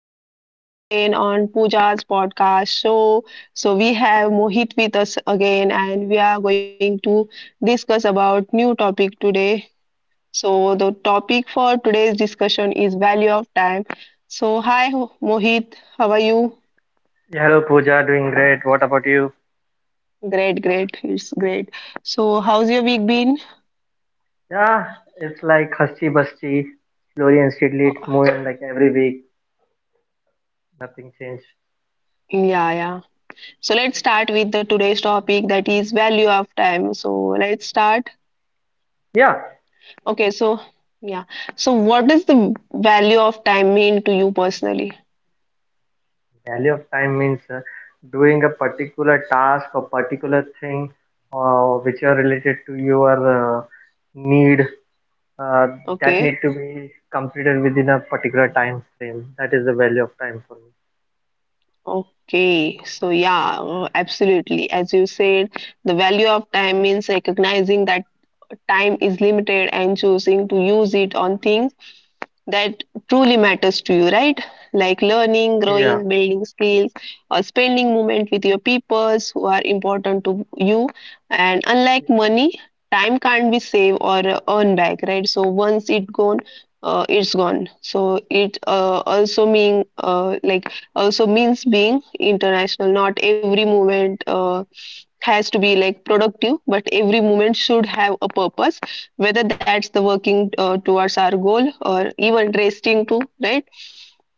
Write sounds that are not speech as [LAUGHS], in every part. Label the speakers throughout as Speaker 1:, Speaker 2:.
Speaker 1: we are here again on Pooja's podcast show. So we have Mohit with us again and we are going to discuss about new topic today. So the topic for today's discussion is value of time. So hi Mohit, how are you?
Speaker 2: Yeah, hello Pooja, doing great. What about you?
Speaker 1: Great, great. It's great. So how's your week been?
Speaker 2: Yeah, it's like husty busty, slowly and steadily it's moving like every week, nothing changed.
Speaker 1: Yeah, yeah. So let's start with the today's topic that is value of time. So let's start.
Speaker 2: Yeah,
Speaker 1: Okay, so yeah. So what does the value of time mean to you personally?
Speaker 2: value of time means doing a particular task or particular thing which are related to your need, uh, that
Speaker 1: Okay.
Speaker 2: need to be completed within a particular time frame. That is the value of time for me.
Speaker 1: Okay. So yeah, absolutely. As you said, the value of time means recognizing that time is limited and choosing to use it on things that truly matters to you, right? Like learning,
Speaker 2: Yeah,
Speaker 1: growing, building skills, or spending moment with your peoples who are important to you. And unlike
Speaker 2: yeah,
Speaker 1: money, time can't be saved or earned back, right? So once it gone, it's gone. So it also mean like also means being international. Not every moment. Has to be like productive, but every moment should have a purpose, whether that's the working towards our goal or even resting too, right?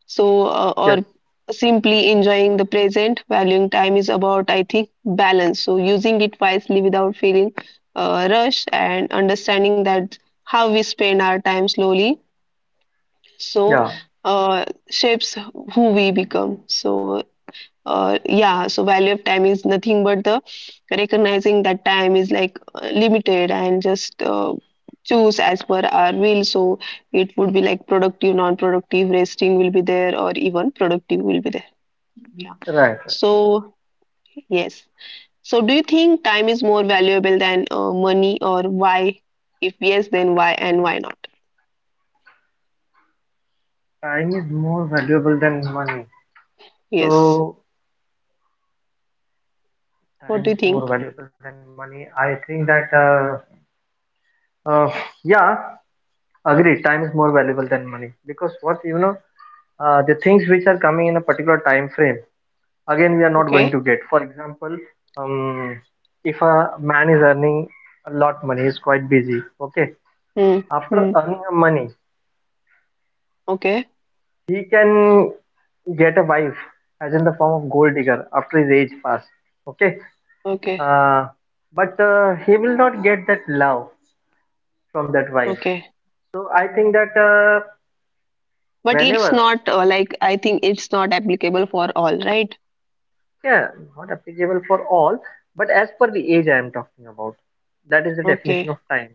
Speaker 1: So or
Speaker 2: yes,
Speaker 1: simply enjoying the present, valuing time is about, I think, balance, so using it wisely without feeling rushed and understanding that how we spend our time slowly, so
Speaker 2: yeah,
Speaker 1: uh, shapes who we become. So yeah, so value of time is nothing but the recognizing that time is like limited, and just choose as per our will. So it would be like productive, non productive, resting will be there, or even productive will be there, yeah.
Speaker 2: right, right.
Speaker 1: So yes, so do you think time is more valuable than money, or why? If yes, then why, and why not?
Speaker 2: Time is more valuable than money.
Speaker 1: Yes.
Speaker 2: So
Speaker 1: What do you
Speaker 2: time is
Speaker 1: think?
Speaker 2: more valuable than money. I think that, uh, yeah, agree. Time is more valuable than money because what you know, the things which are coming in a particular time frame, again, we are not going
Speaker 1: Okay.
Speaker 2: to get. For example, um, if a man is earning a lot money, he's quite busy. Okay,
Speaker 1: Hmm.
Speaker 2: after
Speaker 1: Hmm.
Speaker 2: earning a money,
Speaker 1: Okay.
Speaker 2: he can get a wife, as in the form of gold digger after his age pass. Okay,
Speaker 1: Okay.
Speaker 2: uh, but he will not get that love from that wife.
Speaker 1: Okay.
Speaker 2: So I think that
Speaker 1: But it's
Speaker 2: whenever,
Speaker 1: not like, I think it's not applicable for all, right?
Speaker 2: yeah, not applicable for all, but as per the age I am talking about, that is the definition
Speaker 1: Okay.
Speaker 2: of time.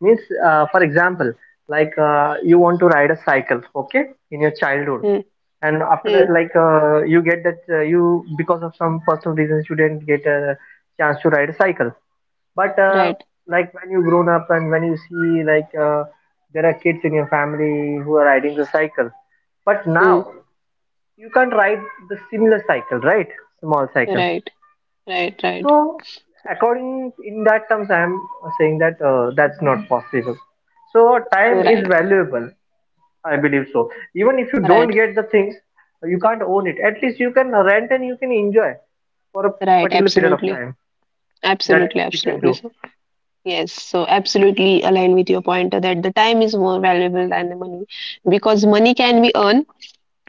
Speaker 2: Means, for example, like you want to ride a cycle, okay, in your childhood,
Speaker 1: Hmm.
Speaker 2: and after
Speaker 1: Hmm.
Speaker 2: that, like you get that you because of some personal reasons you didn't get a chance to ride a cycle. But
Speaker 1: Right.
Speaker 2: like when you grown up and when you see like there are kids in your family who are riding the cycle, but
Speaker 1: Hmm.
Speaker 2: now you can't write the similar cycle, right? Small cycle.
Speaker 1: Right. Right. Right.
Speaker 2: So according in that terms, I am saying that that's not possible. So time is
Speaker 1: Right.
Speaker 2: valuable. I believe so. Even if you don't
Speaker 1: Right.
Speaker 2: get the things, you can't own it. At least you can rent and you can enjoy for a
Speaker 1: Right.
Speaker 2: particular period of
Speaker 1: Absolutely.
Speaker 2: time. That
Speaker 1: Absolutely.
Speaker 2: we can
Speaker 1: Absolutely.
Speaker 2: do.
Speaker 1: So yes. So absolutely align with your point that the time is more valuable than the money, because money can be earned,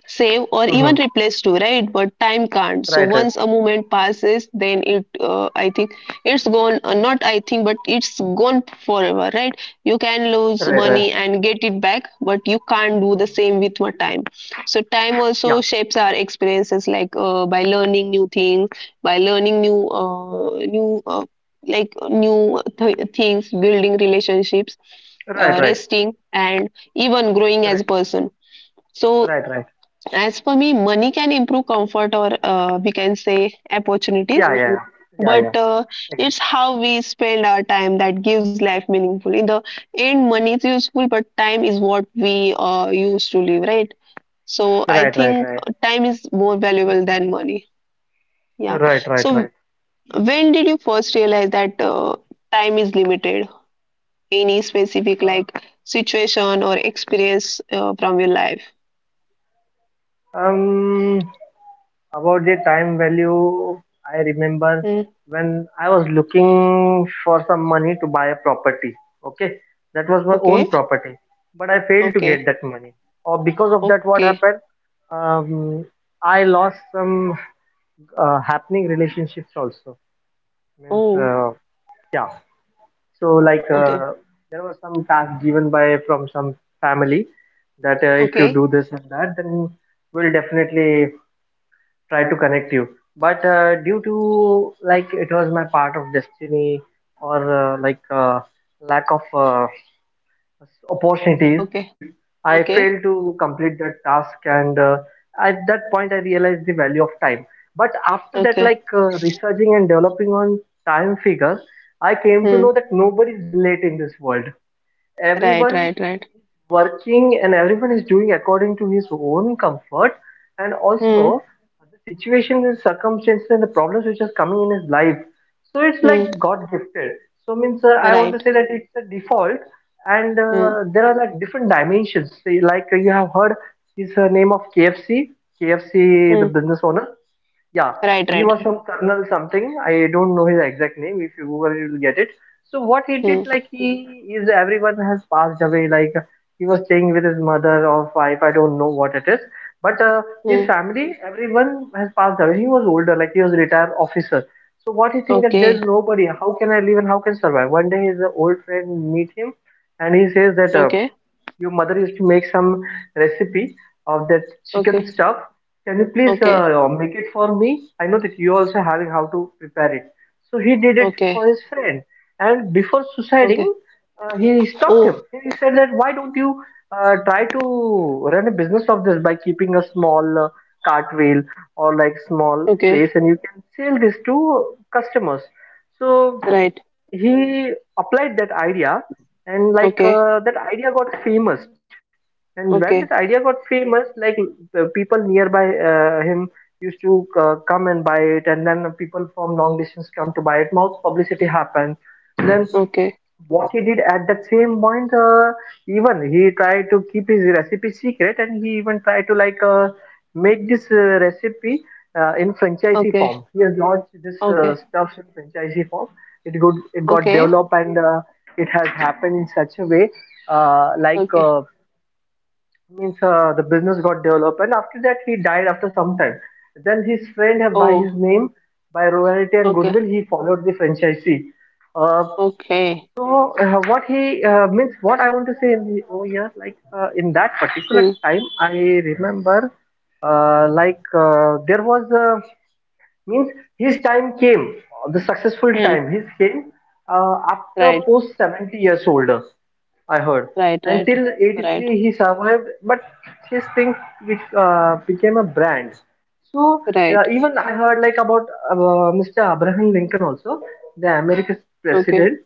Speaker 1: save or
Speaker 2: Hmm.
Speaker 1: even replace to, right? But time can't. So
Speaker 2: Right, right,
Speaker 1: once a moment passes, then it, I think it's gone. Not I think, but it's gone forever, right? You can lose
Speaker 2: right, right.
Speaker 1: money and get it back, but you can't do the
Speaker 2: Mhm.
Speaker 1: same with my time. So time
Speaker 2: Yeah,
Speaker 1: also shapes our experiences, like by learning new things, by learning new like things, building relationships,
Speaker 2: right, right,
Speaker 1: resting, and even growing as
Speaker 2: right,
Speaker 1: a person. So
Speaker 2: right, right.
Speaker 1: as for me, money can improve comfort or we can say opportunities,
Speaker 2: Yeah, yeah, yeah, yeah, yeah.
Speaker 1: but
Speaker 2: Agreed.
Speaker 1: it's how we spend our time that gives life meaningful. In the end, money is useful, but time is what we use to live, right? So I
Speaker 2: Right, right,
Speaker 1: think
Speaker 2: right,
Speaker 1: time is more valuable than money. Yeah.
Speaker 2: right, right,
Speaker 1: So
Speaker 2: right.
Speaker 1: when did you first realize that time is limited? Any specific
Speaker 2: Uh,
Speaker 1: like situation or experience from your life?
Speaker 2: Um, about the time value, I remember
Speaker 1: Hmm.
Speaker 2: when I was looking for some money to buy a property. Okay, that was my own
Speaker 1: Okay.
Speaker 2: property, but I failed to get
Speaker 1: Okay.
Speaker 2: that money. Or because of that, what
Speaker 1: Okay.
Speaker 2: happened? Um, I lost some happening relationships also. Means,
Speaker 1: Oh.
Speaker 2: yeah. So like
Speaker 1: Okay.
Speaker 2: uh, there was some task given by from some family that if you
Speaker 1: Okay.
Speaker 2: do this and that, then will definitely try to connect you, but due to like it was my part of destiny or like lack of opportunities,
Speaker 1: Okay.
Speaker 2: I failed
Speaker 1: Okay.
Speaker 2: to complete that task, and at that point I realized the value of time. But after that,
Speaker 1: Okay.
Speaker 2: like researching and developing on time figures, I came to
Speaker 1: Hmm.
Speaker 2: know that nobody is late in this world.
Speaker 1: Right.
Speaker 2: Everyone
Speaker 1: Right. Right.
Speaker 2: working and everyone is doing according to his own comfort, and
Speaker 1: Hmm.
Speaker 2: also the situation, the circumstances, and the problems which is coming in his life. So it's like
Speaker 1: Hmm.
Speaker 2: god gifted. So means I want to
Speaker 1: Right.
Speaker 2: say that it's a default, and
Speaker 1: Hmm.
Speaker 2: there are like different dimensions. See, like you have heard is the name of kfc, kfc the
Speaker 1: Hmm.
Speaker 2: business owner, yeah,
Speaker 1: Right.
Speaker 2: he
Speaker 1: Right.
Speaker 2: was
Speaker 1: Right.
Speaker 2: some colonel something. I don't know his exact name. If you Google, you'll get it. So what he did,
Speaker 1: Hmm.
Speaker 2: like he is everyone has passed away. Like he was staying with his mother or wife. I don't know what it is. But his
Speaker 1: Hmm.
Speaker 2: family, everyone has passed away. He was older, like he was a retired officer. So what he think that there's
Speaker 1: Okay.
Speaker 2: nobody. How can I live and how can survive? One day his old friend meet him, and he says that.
Speaker 1: Okay.
Speaker 2: Your mother used to make some recipe of that chicken
Speaker 1: Okay.
Speaker 2: stuff. Can you please
Speaker 1: Okay.
Speaker 2: make it for me? I know that you also having how to prepare it. So he did it
Speaker 1: Okay.
Speaker 2: for his friend, and before
Speaker 1: Okay.
Speaker 2: suiciding, he
Speaker 1: Oh.
Speaker 2: stopped him. He said that why don't you try to run a business of this by keeping a small cartwheel or like small
Speaker 1: Okay.
Speaker 2: place, and you can sell this to customers. So
Speaker 1: Right.
Speaker 2: he applied that idea, and like
Speaker 1: Okay.
Speaker 2: uh, that idea got famous. And when that
Speaker 1: Okay.
Speaker 2: idea got famous, like people nearby him used to come and buy it, and then people from long distance come to buy it. More publicity happened. Then
Speaker 1: Okay.
Speaker 2: what he did at that same point, even he tried to keep his recipe secret, and he even tried to like make this recipe in franchisee
Speaker 1: Okay. Okay.
Speaker 2: form. He has launched this
Speaker 1: Okay.
Speaker 2: stuff in franchisee form. It got developed, and it has happened in such a way, uh, like
Speaker 1: Okay.
Speaker 2: uh, means the business got developed, and after that he died after some time. Then his friend, by his
Speaker 1: Oh.
Speaker 2: name, by royalty and
Speaker 1: Okay.
Speaker 2: goodwill, he followed the franchisee. Uh,
Speaker 1: Okay.
Speaker 2: so what he means, what I want to say in the over here, like in that particular
Speaker 1: Hmm.
Speaker 2: time, I remember, there was a means his time came, the successful
Speaker 1: Hmm.
Speaker 2: time, his came after
Speaker 1: Right.
Speaker 2: post 70 years older, I heard.
Speaker 1: Right. Right.
Speaker 2: Until
Speaker 1: Right.
Speaker 2: 83 he survived, but his thing which became a brand. So
Speaker 1: Right.
Speaker 2: even I heard like about uh, Mr. Abraham Lincoln also, the America's
Speaker 1: Okay.
Speaker 2: president.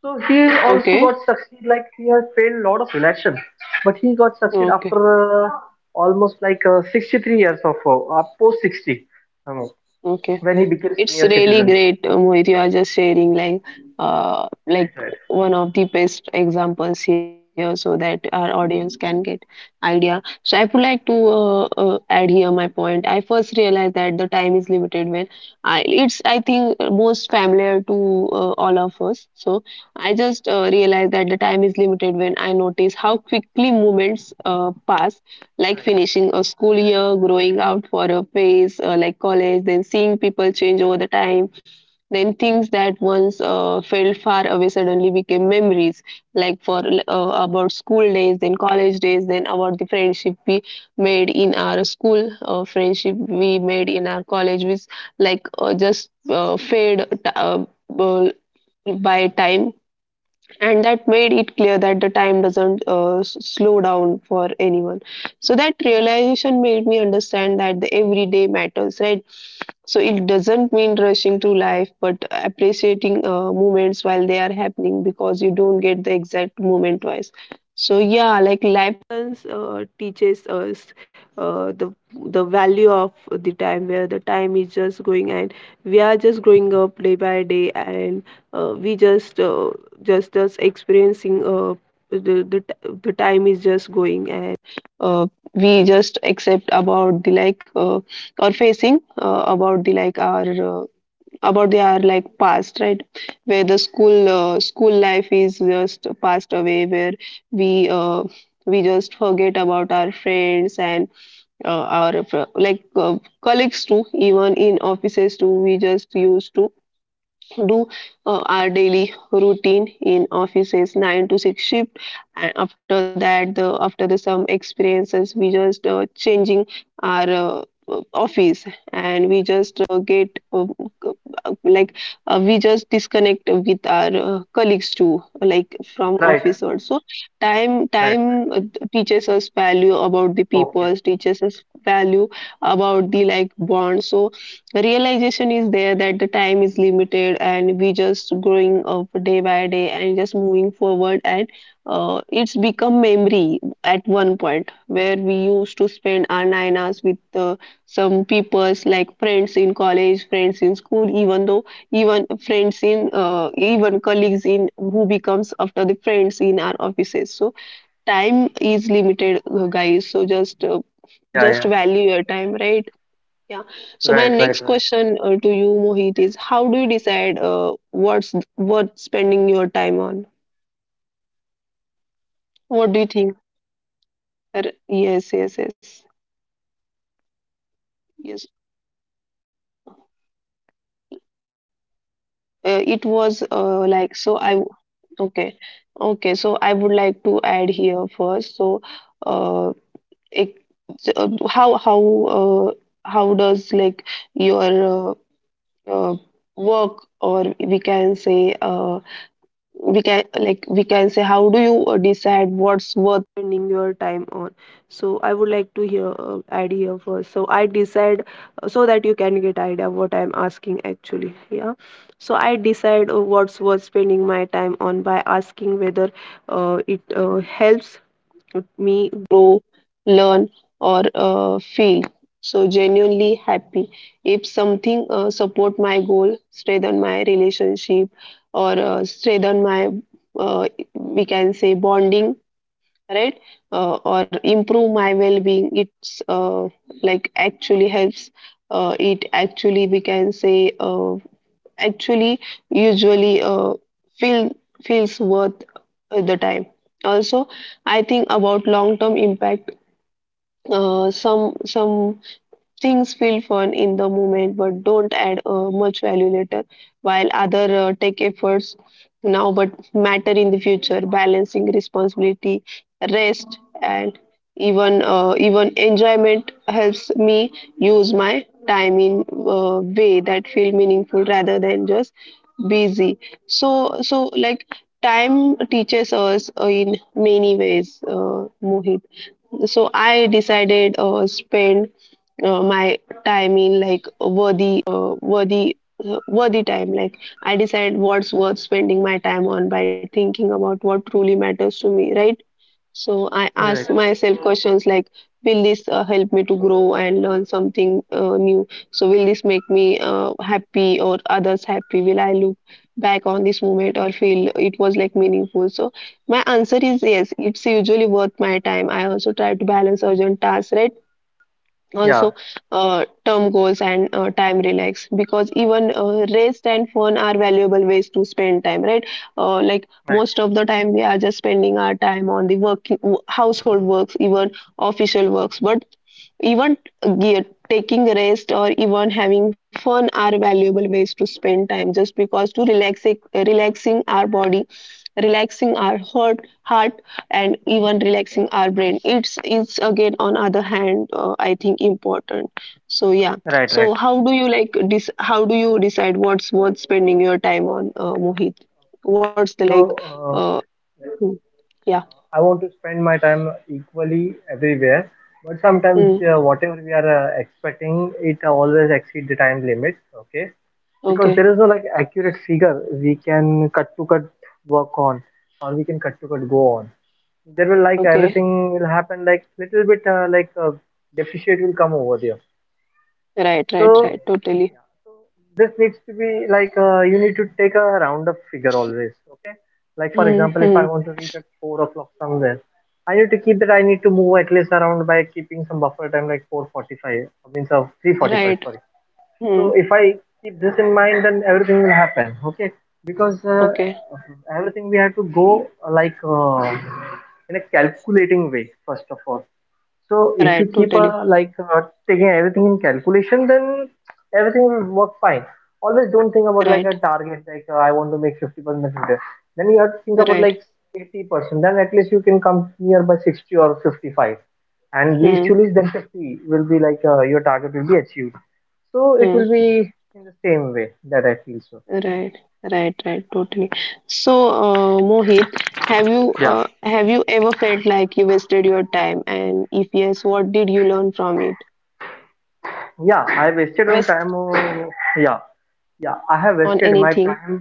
Speaker 2: So he also
Speaker 1: Okay.
Speaker 2: got succeed like he had failed lot of elections, but he got succeed
Speaker 1: Okay.
Speaker 2: after almost like 63 years of post 60. I know
Speaker 1: Okay.
Speaker 2: when he became
Speaker 1: It's
Speaker 2: senior
Speaker 1: really
Speaker 2: citizen.
Speaker 1: great, Mohit. You are just sharing like uh, like
Speaker 2: Right, right,
Speaker 1: one of the best examples here, so that our audience can get idea. So I would like to add here my point. I first realized that the time is limited when I, it's I think most familiar to all of us. So I just realized that the time is limited when I notice how quickly moments pass, like
Speaker 2: right.
Speaker 1: finishing a school year, growing out for a phase like college, then seeing people change over the time. Then things that once felt far away suddenly became memories, like for uh, about school days, then college days, then about the friendship we made in our school, friendship we made in our college, which like just uh, by time. And that made it clear that the time doesn't slow down for anyone. So that realization made me understand that the everyday matters, right? So it doesn't mean rushing through life but appreciating moments while they are happening, because you don't get the exact moment twice. So yeah, like life teaches us uh, the the value of the time, where the time is just going and we are just growing up day by day, and we just us experiencing the, the time is just going, and uh, we just accept about the like or facing about the like our about the our like past, right? Where the school life is just passed away, where we uh, we just forget about our friends, and uh, our colleagues too, even in offices too, we just used to do our daily routine in offices 9 to 6 shift. And after that, the after the some experiences, we just changing our office, and we just get uh, like we just disconnect with our colleagues too, like from office
Speaker 2: Right,
Speaker 1: also. time
Speaker 2: right, right.
Speaker 1: time uh, teaches us value about the people,
Speaker 2: Okay.
Speaker 1: teaches us value about the like bond. So the realization is there that the time is limited, and we just growing up day by day and just moving forward, and it's become memory at one point where we used to spend our 9 hours with some people's, like friends in college, friends in school, even though, even friends in even colleagues in who becomes after the friends in our offices. So time is limited, guys, so
Speaker 2: Yeah,
Speaker 1: just
Speaker 2: yeah.
Speaker 1: value your time, right? Yeah. So my
Speaker 2: Right, right,
Speaker 1: next
Speaker 2: right.
Speaker 1: question, to you, Mohit, is how do you decide, what's what spending your time on? What do you think? Yes, yes, yes, yes. It was like so. Okay, okay. So I would like to add here first. So, uh, it, how uh, how does like your uh, uh, work, or we can say we can like we can say, how do you decide what's worth spending your time on? So I would like to hear idea first, so I decide, so that you can get idea what I'm asking actually. Yeah. So I decide what's worth spending my time on by asking whether it helps helped me grow, learn, or feel so genuinely happy. If something support my goal, strengthen my relationship, or strengthen my uh, we can say bonding, right? Or improve my well-being. It's like actually helps. It actually, we can say. Actually usually feel feels worth the time. Also, I think about long term impact. Some Things feel fun in the moment but don't add much value later, while other take efforts now but matter in the future. Balancing responsibility, rest, and even enjoyment helps me use my time in way that feel meaningful rather than just busy. So like time teaches us in many ways, Mohit. So I decided spend my time in like worthy, worthy time, like I decide what's worth spending my time on by thinking about what truly matters to me, right? So I
Speaker 2: Right.
Speaker 1: ask myself questions like, will this help me to grow and learn something new? So will this make me happy or others happy? Will I look back on this moment or feel it was like meaningful? So my answer is yes, it's usually worth my time. I also try to balance urgent tasks, right?
Speaker 2: Yeah.
Speaker 1: Also term goals and time relax, because even rest and fun are valuable ways to spend time, right? Like
Speaker 2: Right.
Speaker 1: most of the time we are just spending our time on the work, household works, even official works. But even taking rest or even having fun are valuable ways to spend time, just because to relax, relaxing our body, relaxing our heart, and even relaxing our brain. It's again, on other hand, I think important. So yeah.
Speaker 2: Right. Right.
Speaker 1: So how do you like this? How do you decide what's worth spending your time on, Mohit? What's the
Speaker 2: So,
Speaker 1: like? Uh,
Speaker 2: yeah,
Speaker 1: hmm, yeah.
Speaker 2: I want to spend my time equally everywhere, but sometimes
Speaker 1: Mm,
Speaker 2: whatever we are expecting, it always exceed the time limit. Okay. Because
Speaker 1: okay.
Speaker 2: there is no like accurate figure we can cut to cut work on, or we can cut to cut go on. There will like
Speaker 1: Okay.
Speaker 2: everything will happen like little bit like deficit will come over there.
Speaker 1: Right. Right.
Speaker 2: So,
Speaker 1: Right. Totally.
Speaker 2: yeah, so this needs to be like you need to take a round up figure always. Okay. Like for example, if I
Speaker 1: Mm-hmm.
Speaker 2: want to reach at 4 o'clock somewhere, I need to keep that I need to move at least around by keeping some buffer time like 4:45, means of 3:45.
Speaker 1: Right.
Speaker 2: Sorry. So
Speaker 1: Mm,
Speaker 2: if I keep this in mind, then everything will happen. Okay. Because
Speaker 1: okay.
Speaker 2: everything we have to go like in a calculating way first of all. So
Speaker 1: Right.
Speaker 2: if you keep
Speaker 1: Totally.
Speaker 2: a like taking everything in calculation, then everything will work fine. Always don't think about like
Speaker 1: Right.
Speaker 2: a target, like I want to make 50% of today. Then you have to think about
Speaker 1: Right.
Speaker 2: like 80%. Then at least you can come nearby 60 or 55. And least
Speaker 1: Hmm.
Speaker 2: to least, then 50 will be like your target will be achieved. So it
Speaker 1: Hmm.
Speaker 2: will be in the same way that I feel so.
Speaker 1: Right, right, right, totally. So, Mohit,
Speaker 2: Yeah.
Speaker 1: have you ever felt like you wasted your time? And if yes, what did you learn from it?
Speaker 2: Yeah, I wasted
Speaker 1: Waste
Speaker 2: on time. Oh, yeah, yeah, I
Speaker 1: on
Speaker 2: have wasted my
Speaker 1: anything?
Speaker 2: time,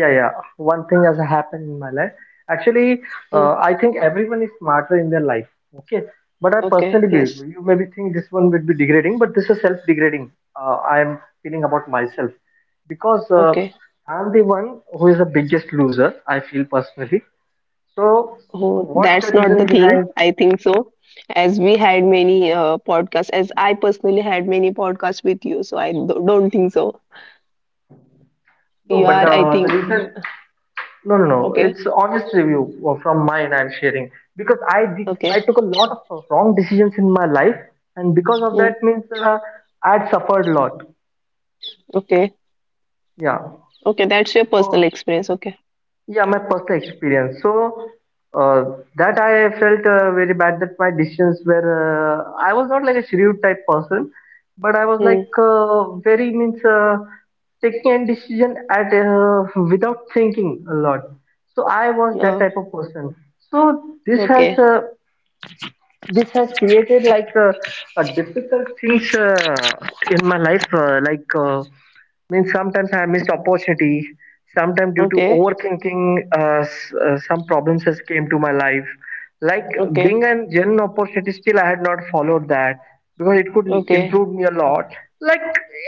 Speaker 2: yeah, yeah. One thing has happened in my life, actually.
Speaker 1: Hmm.
Speaker 2: I think everyone is smarter in their life, okay, but I
Speaker 1: Okay,
Speaker 2: personally
Speaker 1: yes,
Speaker 2: believe you maybe think this one would be degrading, but this is self-degrading. I am feeling about myself because
Speaker 1: okay.
Speaker 2: I'm the one who is the biggest loser, I feel personally. So
Speaker 1: Oh,
Speaker 2: what's the
Speaker 1: that's not the
Speaker 2: reason
Speaker 1: thing,
Speaker 2: behind?
Speaker 1: I think so. As we had many podcasts, as I personally had many podcasts with you, so I don't think so.
Speaker 2: No,
Speaker 1: You
Speaker 2: but
Speaker 1: are, I
Speaker 2: the
Speaker 1: think,
Speaker 2: reason, no, no, no.
Speaker 1: okay,
Speaker 2: It's honest review from mine I'm sharing because I did
Speaker 1: okay.
Speaker 2: I took a lot of wrong decisions in my life, and because of
Speaker 1: Hmm.
Speaker 2: that means I'd suffered a lot.
Speaker 1: Okay,
Speaker 2: Yeah.
Speaker 1: okay. That's your personal
Speaker 2: For
Speaker 1: experience. Okay.
Speaker 2: yeah, my personal experience. So uh, that I felt very bad that my decisions were. I was not like a shrewd type person, but I was like
Speaker 1: Hmm.
Speaker 2: very means taking a decision at without thinking a lot. So I was that
Speaker 1: Uh,
Speaker 2: type of person. So this has
Speaker 1: okay.
Speaker 2: created like a difficult things in my life means sometimes I missed opportunity, sometimes due to
Speaker 1: Okay,
Speaker 2: overthinking, some problems has came to my life, like
Speaker 1: okay,
Speaker 2: being a genuine opportunity still I had not followed that because it could
Speaker 1: okay,
Speaker 2: improve me a lot, like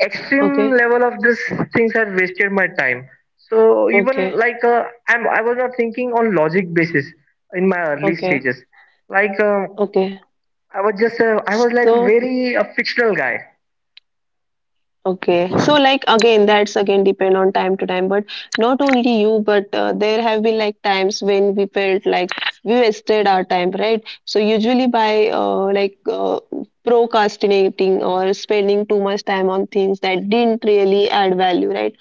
Speaker 2: extreme
Speaker 1: okay,
Speaker 2: level of this things had wasted my time. So even
Speaker 1: okay,
Speaker 2: like I was not thinking on logic basis in my early
Speaker 1: okay,
Speaker 2: stages, like um,
Speaker 1: okay.
Speaker 2: I was just I was like
Speaker 1: So,
Speaker 2: very a fictional guy.
Speaker 1: okay. So, like, again, that's again depend on time to time. But not only you, but there have been like times when we felt like we wasted our time, right? So, usually by procrastinating or spending too much time on things that didn't really add value, right?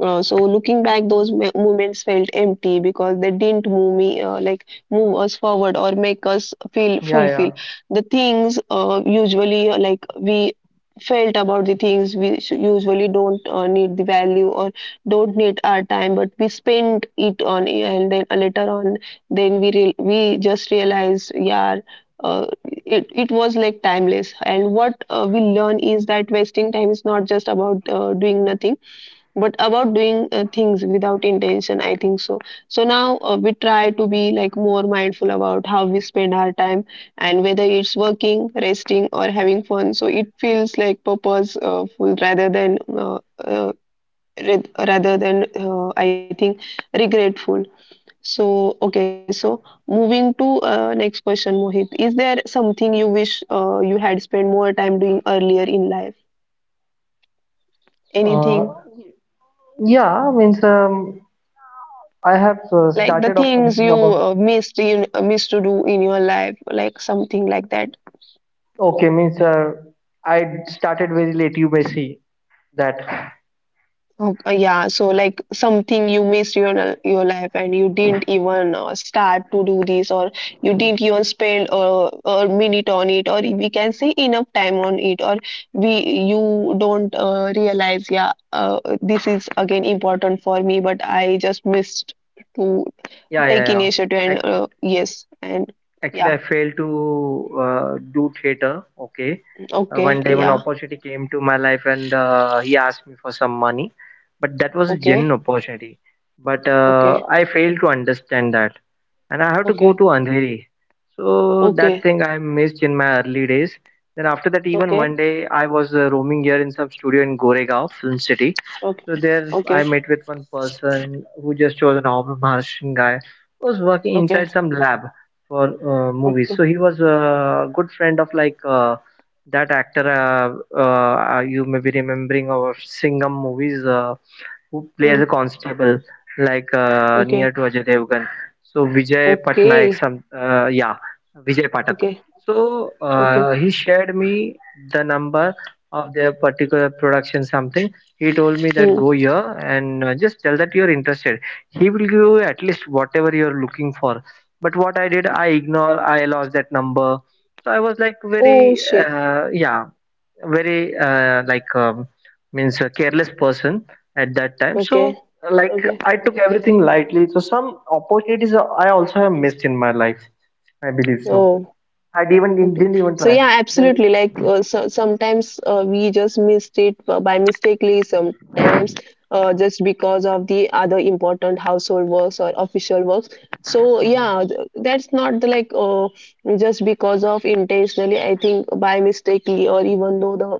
Speaker 1: So looking back, those moments felt empty because they didn't move me move us forward or make us feel
Speaker 2: Yeah,
Speaker 1: fulfilled.
Speaker 2: yeah.
Speaker 1: The things usually like we felt about the things we usually don't need the value or don't need our time, but we spend it on and then later on, then we real we just realized, yeah. It was like timeless, and what we learn is that wasting time is not just about doing nothing but about doing things without intention, I think so. So now we try to be like more mindful about how we spend our time, and whether it's working, resting, or having fun, so it feels like purposeful rather than I think regretful. So okay, so moving to next question, Mohit, is there something you wish you had spent more time doing earlier in life,
Speaker 2: Uh,
Speaker 1: anything
Speaker 2: yeah, means I have
Speaker 1: like the
Speaker 2: started off
Speaker 1: things
Speaker 2: thinking
Speaker 1: you
Speaker 2: about.
Speaker 1: missed to do in your life, like something like that?
Speaker 2: Okay, means I started very late. You may see that. Yeah,
Speaker 1: Okay, yeah, so like something you missed your life, and you didn't even start to do this, or you didn't even spend a minute on it, or we can say enough time on it, or we you don't realize, yeah, this is again important for me, but I just missed to
Speaker 2: yeah,
Speaker 1: take
Speaker 2: yeah.
Speaker 1: initiative and
Speaker 2: Actually,
Speaker 1: yes, and
Speaker 2: actually,
Speaker 1: yeah,
Speaker 2: I failed to do theater. Okay,
Speaker 1: okay,
Speaker 2: one day one
Speaker 1: yeah,
Speaker 2: opportunity came to my life, and he asked me for some money, but that was a
Speaker 1: okay,
Speaker 2: genuine opportunity. But
Speaker 1: okay,
Speaker 2: I failed to understand that. And I have to go
Speaker 1: okay,
Speaker 2: to Andheri. So that
Speaker 1: okay,
Speaker 2: thing I missed in my early days. Then after that, even
Speaker 1: okay,
Speaker 2: one day I was roaming here in some studio in Goregaon, Film City.
Speaker 1: okay,
Speaker 2: So there I
Speaker 1: okay,
Speaker 2: met with one person who just was an Arab Maharashtrian guy who was working
Speaker 1: okay,
Speaker 2: inside some lab for
Speaker 1: okay,
Speaker 2: movies. So he was a good friend of that actor, you may be remembering our Singham movies, who
Speaker 1: mm,
Speaker 2: plays a constable like near
Speaker 1: okay,
Speaker 2: to Ajay Devgan. So Vijay Patnaik,
Speaker 1: okay,
Speaker 2: some yeah, Vijay Patak.
Speaker 1: okay,
Speaker 2: So
Speaker 1: okay,
Speaker 2: he shared me the number of their particular production something. He told me that go
Speaker 1: mm.
Speaker 2: here and just tell that you're interested. He will give you at least whatever you're looking for. But what I did, I ignore. I lost that number. So I was like
Speaker 1: Oh
Speaker 2: very
Speaker 1: shit,
Speaker 2: yeah, very means a careless person at that time. So
Speaker 1: okay,
Speaker 2: like
Speaker 1: okay,
Speaker 2: I took everything lightly, so some opportunities I also have missed in my life, I believe so.
Speaker 1: oh,
Speaker 2: I even didn't
Speaker 1: okay.
Speaker 2: didn't even
Speaker 1: So
Speaker 2: try
Speaker 1: yeah,
Speaker 2: then.
Speaker 1: absolutely. Like so, sometimes we just missed it by mistakenly, sometimes just because of the other important household works or official works. So yeah, that's not the just because of intentionally, I think, by mistakenly, or even though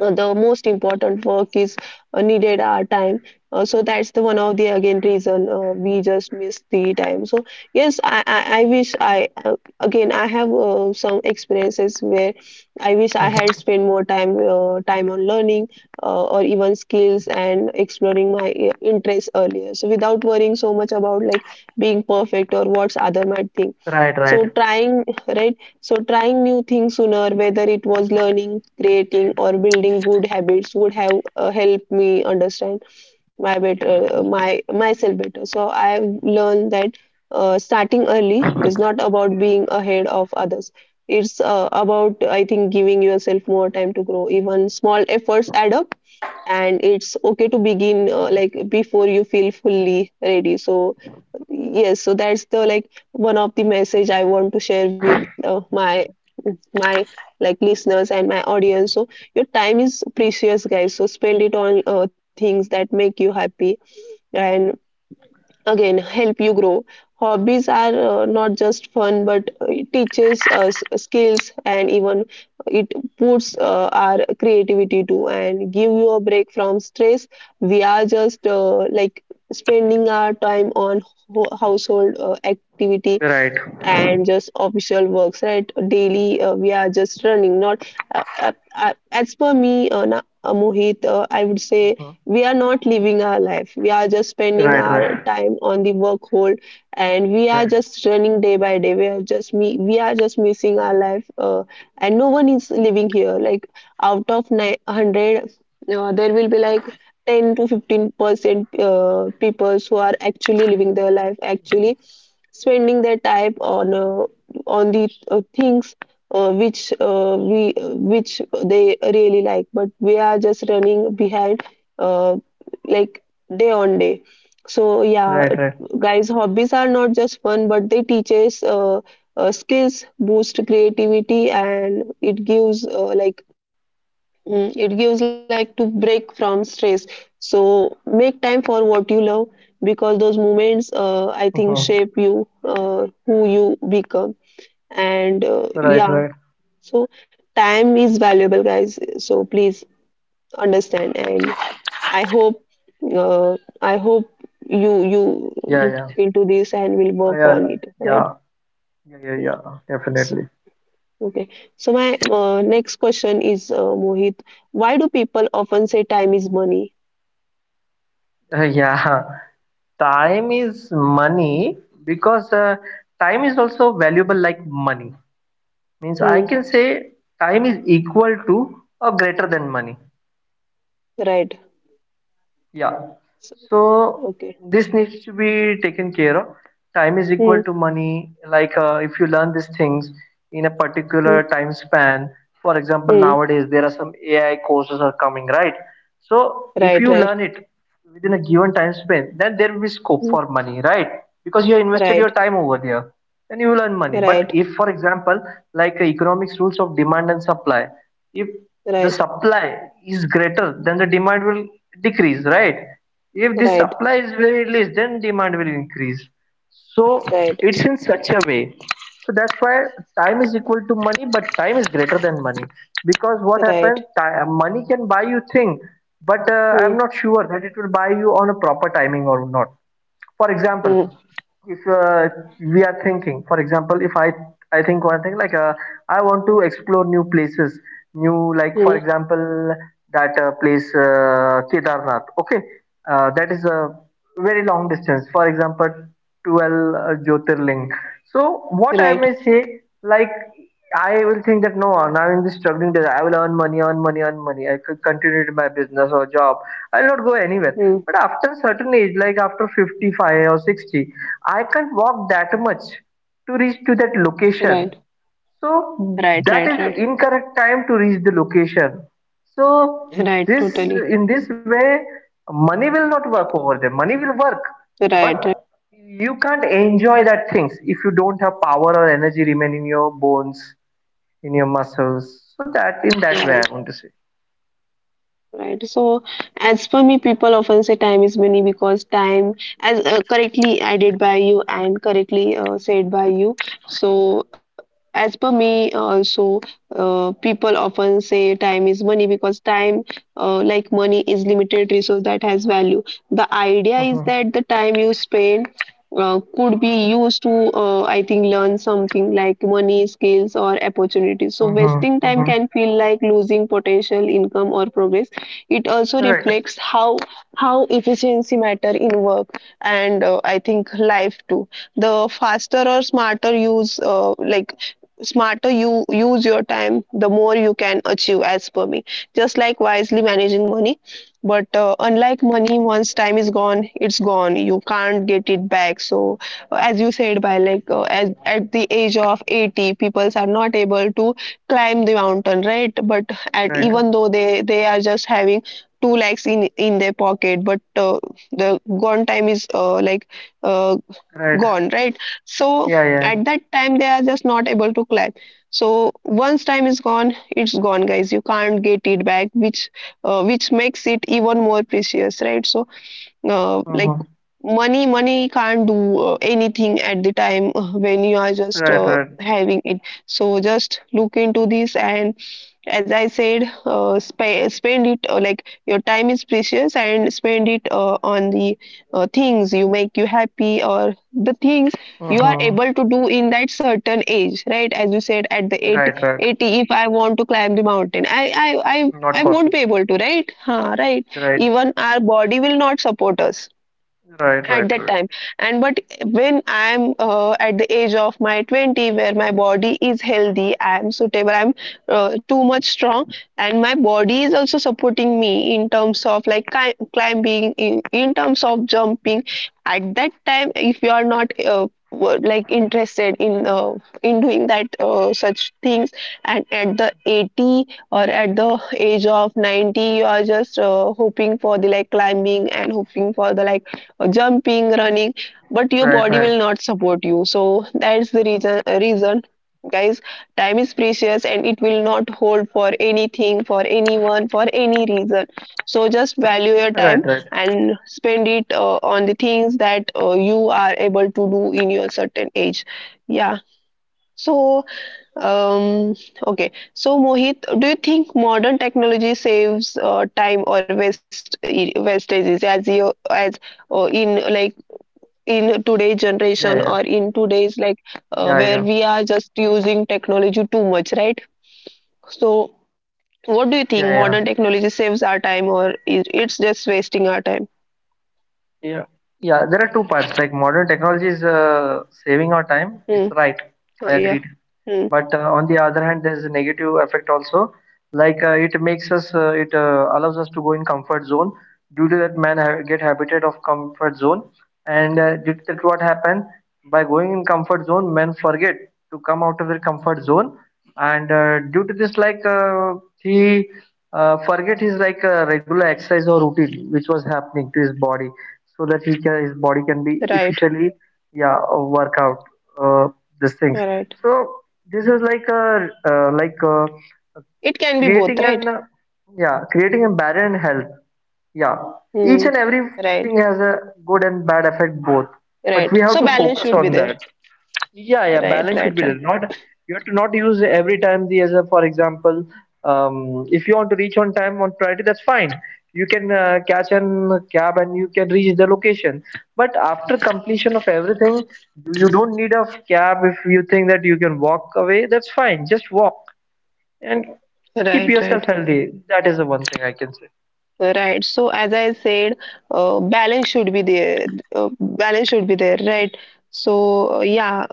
Speaker 1: the most important work is needed our time, so that's the one of the again reason we just miss the time. So yes, I wish I again I have some experiences where I wish I had
Speaker 2: Mhm.
Speaker 1: spent more time on learning or even skills and exploring my interests earlier, so without worrying so much about like being perfect or what's other might think.
Speaker 2: Right, right,
Speaker 1: So trying, right? So, trying new things sooner, whether it was learning, creating, or building good habits, would have helped me understand my better, my myself better. So, I have learned that starting early is not about being ahead of others. It's about, I think, giving yourself more time to grow. Even small efforts add up, and it's okay to begin before you feel fully ready. So, yes, so that's the like one of the message I want to share with my my like listeners and my audience. So your time is precious, guys, so spend it on things that make you happy and again help you grow. Hobbies are not just fun, but it teaches us skills and even it puts our creativity to and give you a break from stress. We are just spending our time on household activity
Speaker 2: right.
Speaker 1: and just official works, right? Daily we are just running, not as per me, Mohit, I would say we are
Speaker 2: Hmm.
Speaker 1: not living our life, we are just spending our
Speaker 2: Right,
Speaker 1: time
Speaker 2: right,
Speaker 1: on the work hold, and we are just
Speaker 2: right,
Speaker 1: running day by day, we are just me we are just missing our life, and no one is living here. Like out of 100, there will be like 10 to 15% people who are actually living their life, actually spending their time on the things which they really like, but we are just running behind, uh, like day on day. So yeah,
Speaker 2: right, right.
Speaker 1: guys, hobbies are not just fun, but they teach us skills, boost creativity, and it gives mm, it gives like to break from stress. So make time for what you love, because those moments, I
Speaker 2: Hmm.
Speaker 1: think, shape you, who you become. And
Speaker 2: Right,
Speaker 1: yeah,
Speaker 2: right.
Speaker 1: so time is valuable, guys. So please understand. And I hope, uh, I hope you you
Speaker 2: Yeah,
Speaker 1: look
Speaker 2: yeah.
Speaker 1: into this and will work
Speaker 2: I,
Speaker 1: on it, right?
Speaker 2: yeah, yeah, yeah,
Speaker 1: Yeah.
Speaker 2: yeah,
Speaker 1: So,
Speaker 2: definitely. [LAUGHS]
Speaker 1: okay. So my next question is, Mohit, why do people often say time is money?
Speaker 2: Yeah, time is money because time is also valuable like money, means I
Speaker 1: Hmm.
Speaker 2: can say time is equal to or greater than money.
Speaker 1: Right.
Speaker 2: Yeah.
Speaker 1: So,
Speaker 2: So
Speaker 1: okay.
Speaker 2: this needs to be taken care of. Time is equal
Speaker 1: Hmm.
Speaker 2: to money. If you learn these things in a particular
Speaker 1: Hmm.
Speaker 2: time span, for example,
Speaker 1: Hmm.
Speaker 2: nowadays there are some AI courses are coming, right? So
Speaker 1: Right.
Speaker 2: if you
Speaker 1: Right.
Speaker 2: learn it within a given time span, then there will be scope
Speaker 1: Hmm.
Speaker 2: for money, right? Because you have invested your
Speaker 1: Right.
Speaker 2: time over there, then you will earn money. But
Speaker 1: Right.
Speaker 2: if, for example, economics rules of demand and supply, if the
Speaker 1: Right.
Speaker 2: supply is greater, then the demand will decrease, right? If the
Speaker 1: Right.
Speaker 2: supply is very less, then demand will increase. So
Speaker 1: Right.
Speaker 2: it's in such a way. So that's why time is equal to money, but time is greater than money because what happens,
Speaker 1: Right.
Speaker 2: money can buy you thing, but I'm
Speaker 1: Hmm.
Speaker 2: not sure that it will buy you on a proper timing or not. For example,
Speaker 1: Hmm.
Speaker 2: if we are thinking, for example, if I think one thing, I want to explore new places, new, like for
Speaker 1: Hmm.
Speaker 2: example, that place, Kedarnath, okay, that is a very long distance, for example, 12 jyotirling. So what I may
Speaker 1: Right.
Speaker 2: say, like, I will think that no, now in this struggling days I will earn money, earn money, earn money, I could continue to my business or job, I'll not go anywhere.
Speaker 1: Hmm.
Speaker 2: But after certain age, like after 55 or 60, I can't walk that much to reach to that location.
Speaker 1: Right.
Speaker 2: So
Speaker 1: Right.
Speaker 2: that
Speaker 1: Right.
Speaker 2: is the
Speaker 1: Right.
Speaker 2: incorrect time to reach the location. So
Speaker 1: Right.
Speaker 2: this,
Speaker 1: Totally.
Speaker 2: in this way, money will not work over there. Money will work,
Speaker 1: Right. Right.
Speaker 2: but you can't enjoy that things if you don't have power or energy remain in your bones, in your muscles. So that, in that way, I
Speaker 1: Right.
Speaker 2: want to say.
Speaker 1: Right. So, as per me, people often say time is money because time, as correctly added by you and correctly said by you. So, as per me, also, people often say time is money because time, like money, is limited resource that has value. The idea is
Speaker 2: Mhm,
Speaker 1: that the time you spend could be used to, I think, learn something like money, skills, or opportunities. So,
Speaker 2: mhm,
Speaker 1: wasting time
Speaker 2: mhm.
Speaker 1: can feel like losing potential income or progress. It also
Speaker 2: Right,
Speaker 1: reflects how efficiency matter in work and I think life too. The faster or smarter use like smarter you use your time, the more you can achieve, as per me, just like wisely managing money. But unlike money, once time is gone, it's gone, you can't get it back. So as you said, at the age of 80 people are not able to climb the mountain, right? But at
Speaker 2: right,
Speaker 1: even though they are just having 2 lakhs in their pocket, but the gone time is uh,
Speaker 2: right.
Speaker 1: gone, right? So
Speaker 2: Yeah, yeah.
Speaker 1: at that time they are just not able to clap. So once time is gone, it's gone, guys, you can't get it back, which makes it even more precious, right? So uh,
Speaker 2: Uh-huh.
Speaker 1: like money, money can't do anything at the time when you are
Speaker 2: Right,
Speaker 1: just
Speaker 2: right.
Speaker 1: having it. So just look into this, and as I said, spend it, like, your time is precious and spend it on the things you make you happy or the things you are
Speaker 2: Uh-huh.
Speaker 1: able to do in that certain age, right? As you said, at the 80,
Speaker 2: Right, right.
Speaker 1: eighty, if I want to climb the mountain,
Speaker 2: Not
Speaker 1: I won't
Speaker 2: possible.
Speaker 1: be able to, right? Huh, right.
Speaker 2: Right.
Speaker 1: Even our body will not support us
Speaker 2: Right,
Speaker 1: at
Speaker 2: right,
Speaker 1: that
Speaker 2: right.
Speaker 1: time, and but when I'm at the age of my 20, where my body is healthy, I'm suitable, I'm too much strong, and my body is also supporting me in terms of like climbing, in terms of jumping. At that time, if you are not like interested in doing that such things, and at the 80 or at the age of 90 you are just hoping for the like climbing and hoping for the like jumping, running, but your
Speaker 2: Right,
Speaker 1: body
Speaker 2: right.
Speaker 1: will not support you. So that's the reason, reason, guys. Time is precious and it will not hold for anything, for anyone, for any reason. So just value your
Speaker 2: Right, right.
Speaker 1: time and spend it on the things that you are able to do in your certain age. Yeah. So, um, okay. So, Mohit, do you think modern technology saves time or waste wastages, as you as in like in today's generation
Speaker 2: Yeah,
Speaker 1: or
Speaker 2: yeah.
Speaker 1: in today's like
Speaker 2: Yeah,
Speaker 1: where
Speaker 2: yeah.
Speaker 1: we are just using technology too much, right? So
Speaker 2: Yeah, yeah.
Speaker 1: what do you think, modern technology saves our time or is it's just wasting our time?
Speaker 2: Yeah. Yeah, there are two parts. Like modern technology is saving our time. It's right.
Speaker 1: Hmm.
Speaker 2: I agreed.
Speaker 1: Oh, yeah.
Speaker 2: But
Speaker 1: Hmm.
Speaker 2: on the other hand, there's a negative effect also. It makes us, it allows us to go in comfort zone. Due to that, man ha get habited of comfort zone, and due to that, what happened? By going in comfort zone, men forget to come out of their comfort zone, and due to this, he forget his regular exercise or routine which was happening to his body, so that he can, his body can be
Speaker 1: Right,
Speaker 2: efficiently, yeah, work out uh, these things.
Speaker 1: right.
Speaker 2: So this is like a
Speaker 1: It can be both,
Speaker 2: creating an
Speaker 1: right?
Speaker 2: yeah, creating a barrier in health. Yeah, each
Speaker 1: Hmm.
Speaker 2: and
Speaker 1: Right,
Speaker 2: everything has a good and bad effect both, but
Speaker 1: right.
Speaker 2: we have
Speaker 1: So
Speaker 2: to
Speaker 1: balance
Speaker 2: focus
Speaker 1: should be
Speaker 2: on
Speaker 1: there.
Speaker 2: that. Yeah, yeah,
Speaker 1: Right,
Speaker 2: balance should
Speaker 1: right,
Speaker 2: be
Speaker 1: right,
Speaker 2: there. Not, you have to not use every time the, as a, for example, if you want to reach on time on priority, that's fine. You can catch an cab and you can reach the location. But after completion of everything, you don't need a cab if you think that you can walk away. That's fine. Just walk and keep
Speaker 1: right,
Speaker 2: yourself
Speaker 1: right.
Speaker 2: healthy. That is the one thing I can say.
Speaker 1: Right. So as I said, balance should be there. Balance should be there, right? So yeah.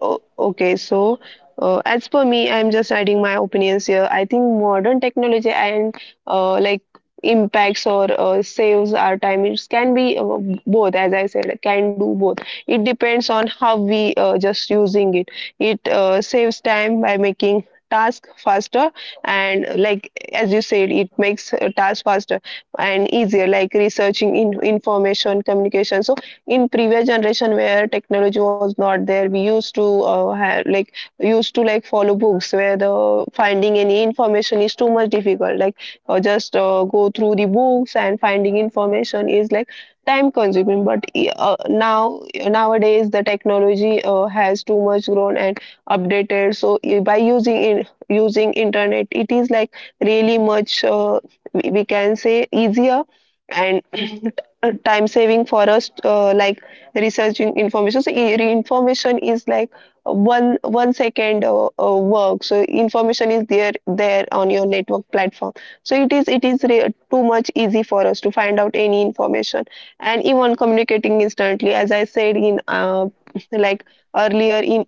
Speaker 1: Okay. So as per me, I'm just adding my opinions here. I think modern technology and uh, like impacts or saves our time. It can be both, as I said, can do both. It depends on how we just using it. It saves time by making task faster, and like as you said it makes a task faster and easier, like researching in information communication. So in previous generation where technology was not there, we used to have like used to like follow books where the finding any information is too much difficult, like just go through the books and finding information is like time consuming. But now nowadays the technology has too much grown and updated, so by using in using internet it is like really much we can say easier and [COUGHS] [CLEARS THROAT] time saving for us, like researching information. So information is like 1 1 second work, so information is there on your network platform. So it is too much easy for us to find out any information, and even communicating instantly as I said in [LAUGHS] like earlier in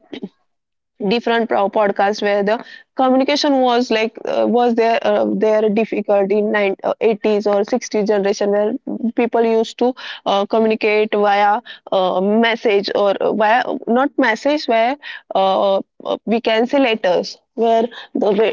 Speaker 1: different podcasts where the communication was like was there there difficult in 80s or 60s generation where people used to communicate via message, or via not message, where uh, we can say letters, where the way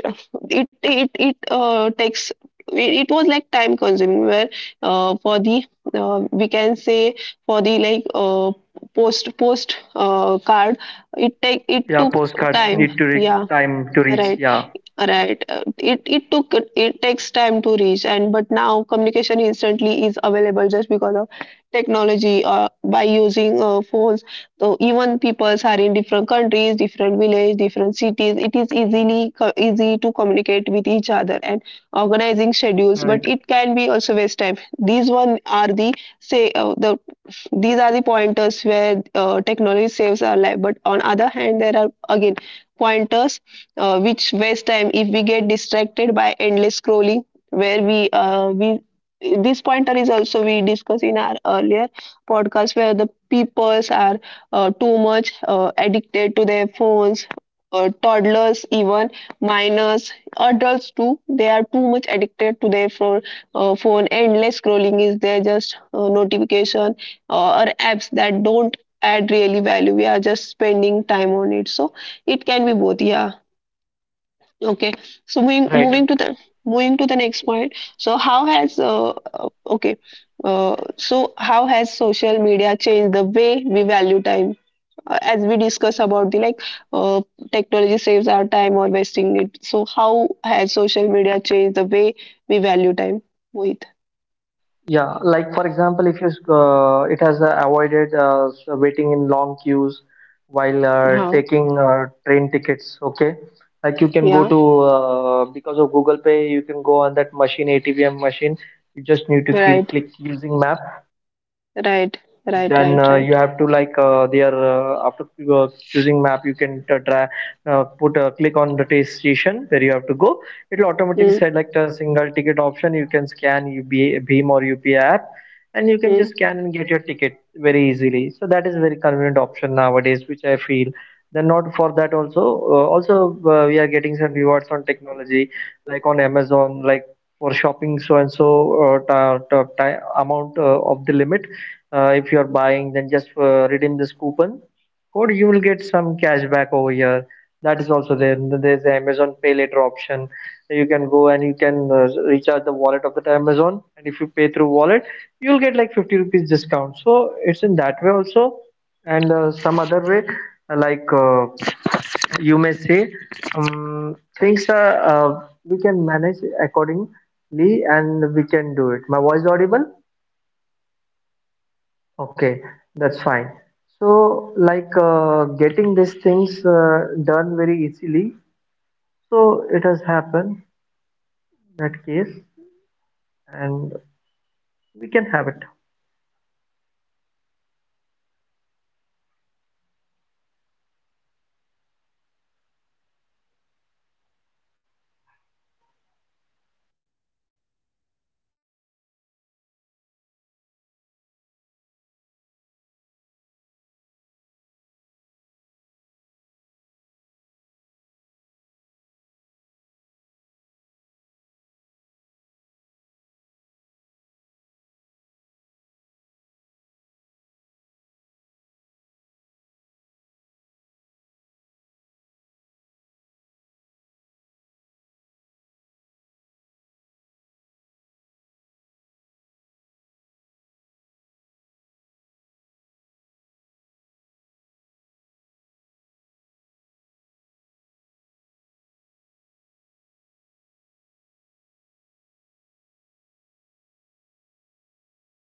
Speaker 1: it takes it was like time consuming where, for the, we can say, for the like post card, it take it
Speaker 2: Yeah,
Speaker 1: took
Speaker 2: postcards
Speaker 1: time,
Speaker 2: need to re
Speaker 1: yeah,
Speaker 2: time to reach.
Speaker 1: right,
Speaker 2: Yeah,
Speaker 1: right. It took it takes time to reach, and but now communication instantly is available, just because of technology. By using phones, so even peoples are in different countries, different village, different cities, it is easy to communicate with each other and organizing schedules. But
Speaker 2: right,
Speaker 1: it can be also waste time. These one are the, say the, these are the pointers where technology saves our life, but on other hand there are again pointers which waste time if we get distracted by endless scrolling, where we this pointer is also we discussed in our earlier podcast where the peoples are too much addicted to their phones, toddlers, even minors, adults too, they are too much addicted to their phone. Phone endless scrolling is there, just notification or apps that don't add really value, we are just spending time on it. So it can be both, yeah. Okay, so moving
Speaker 2: right.
Speaker 1: moving to the moving to the next point. So how has okay, so how has social media changed the way we value time? As we discuss about the like uh, technology saves our time or wasting it, so how has social media changed the way we value time with
Speaker 2: Yeah, like for example, if you it has avoided waiting in long queues while
Speaker 1: how?
Speaker 2: taking train tickets. Okay, like you can go
Speaker 1: Yeah,
Speaker 2: to because of Google Pay, you can go on that machine ATVM machine. You just need to keep,
Speaker 1: right,
Speaker 2: click using map,
Speaker 1: right, right,
Speaker 2: then
Speaker 1: right, right.
Speaker 2: you have to like there after choosing map you can try put a click on the taste station where you have to go. It'll automatically
Speaker 1: Hmm.
Speaker 2: select, like, a single ticket option. You can scan UB, Beam or UPI app and you can
Speaker 1: Mm,
Speaker 2: just scan and get your ticket very easily, so that is a very convenient option nowadays which I feel. Then not for that also, also we are getting some rewards on technology, like on Amazon, like for shopping, so and so amount of the limit, if you're
Speaker 1: mm,
Speaker 2: buying, then just redeem this coupon code, you will
Speaker 1: mm.
Speaker 2: get some
Speaker 1: Right,
Speaker 2: cashback over here. That is also there. And then there's the Amazon Pay Later option, you can go and you
Speaker 1: right,
Speaker 2: can recharge the wallet of the Amazon, and if you pay
Speaker 1: right,
Speaker 2: through
Speaker 1: right, right.
Speaker 2: wallet
Speaker 1: Totally,
Speaker 2: you'll get
Speaker 1: totally
Speaker 2: like 50
Speaker 1: agreed
Speaker 2: rupees
Speaker 1: with your
Speaker 2: discount,
Speaker 1: point,
Speaker 2: so it's in that way
Speaker 1: Mohit.
Speaker 2: also.
Speaker 1: So,
Speaker 2: And
Speaker 1: I
Speaker 2: some
Speaker 1: think,
Speaker 2: other way,
Speaker 1: as per
Speaker 2: like
Speaker 1: my
Speaker 2: uh,
Speaker 1: point of view, I think
Speaker 2: you may say,
Speaker 1: modern technology can,
Speaker 2: things are,
Speaker 1: like,
Speaker 2: we can manage
Speaker 1: as we discussed, right?
Speaker 2: accordingly and we
Speaker 1: So,
Speaker 2: can do it
Speaker 1: social
Speaker 2: my
Speaker 1: media
Speaker 2: voice audible.
Speaker 1: about the modern technology we already discussed, but the
Speaker 2: Okay,
Speaker 1: about the
Speaker 2: that's fine.
Speaker 1: social media, I
Speaker 2: So,
Speaker 1: just want to add, add
Speaker 2: getting
Speaker 1: here
Speaker 2: these
Speaker 1: pointers
Speaker 2: things
Speaker 1: like,
Speaker 2: done
Speaker 1: uh,
Speaker 2: very easily.
Speaker 1: social media
Speaker 2: So, it has happened in that case, and we can have it.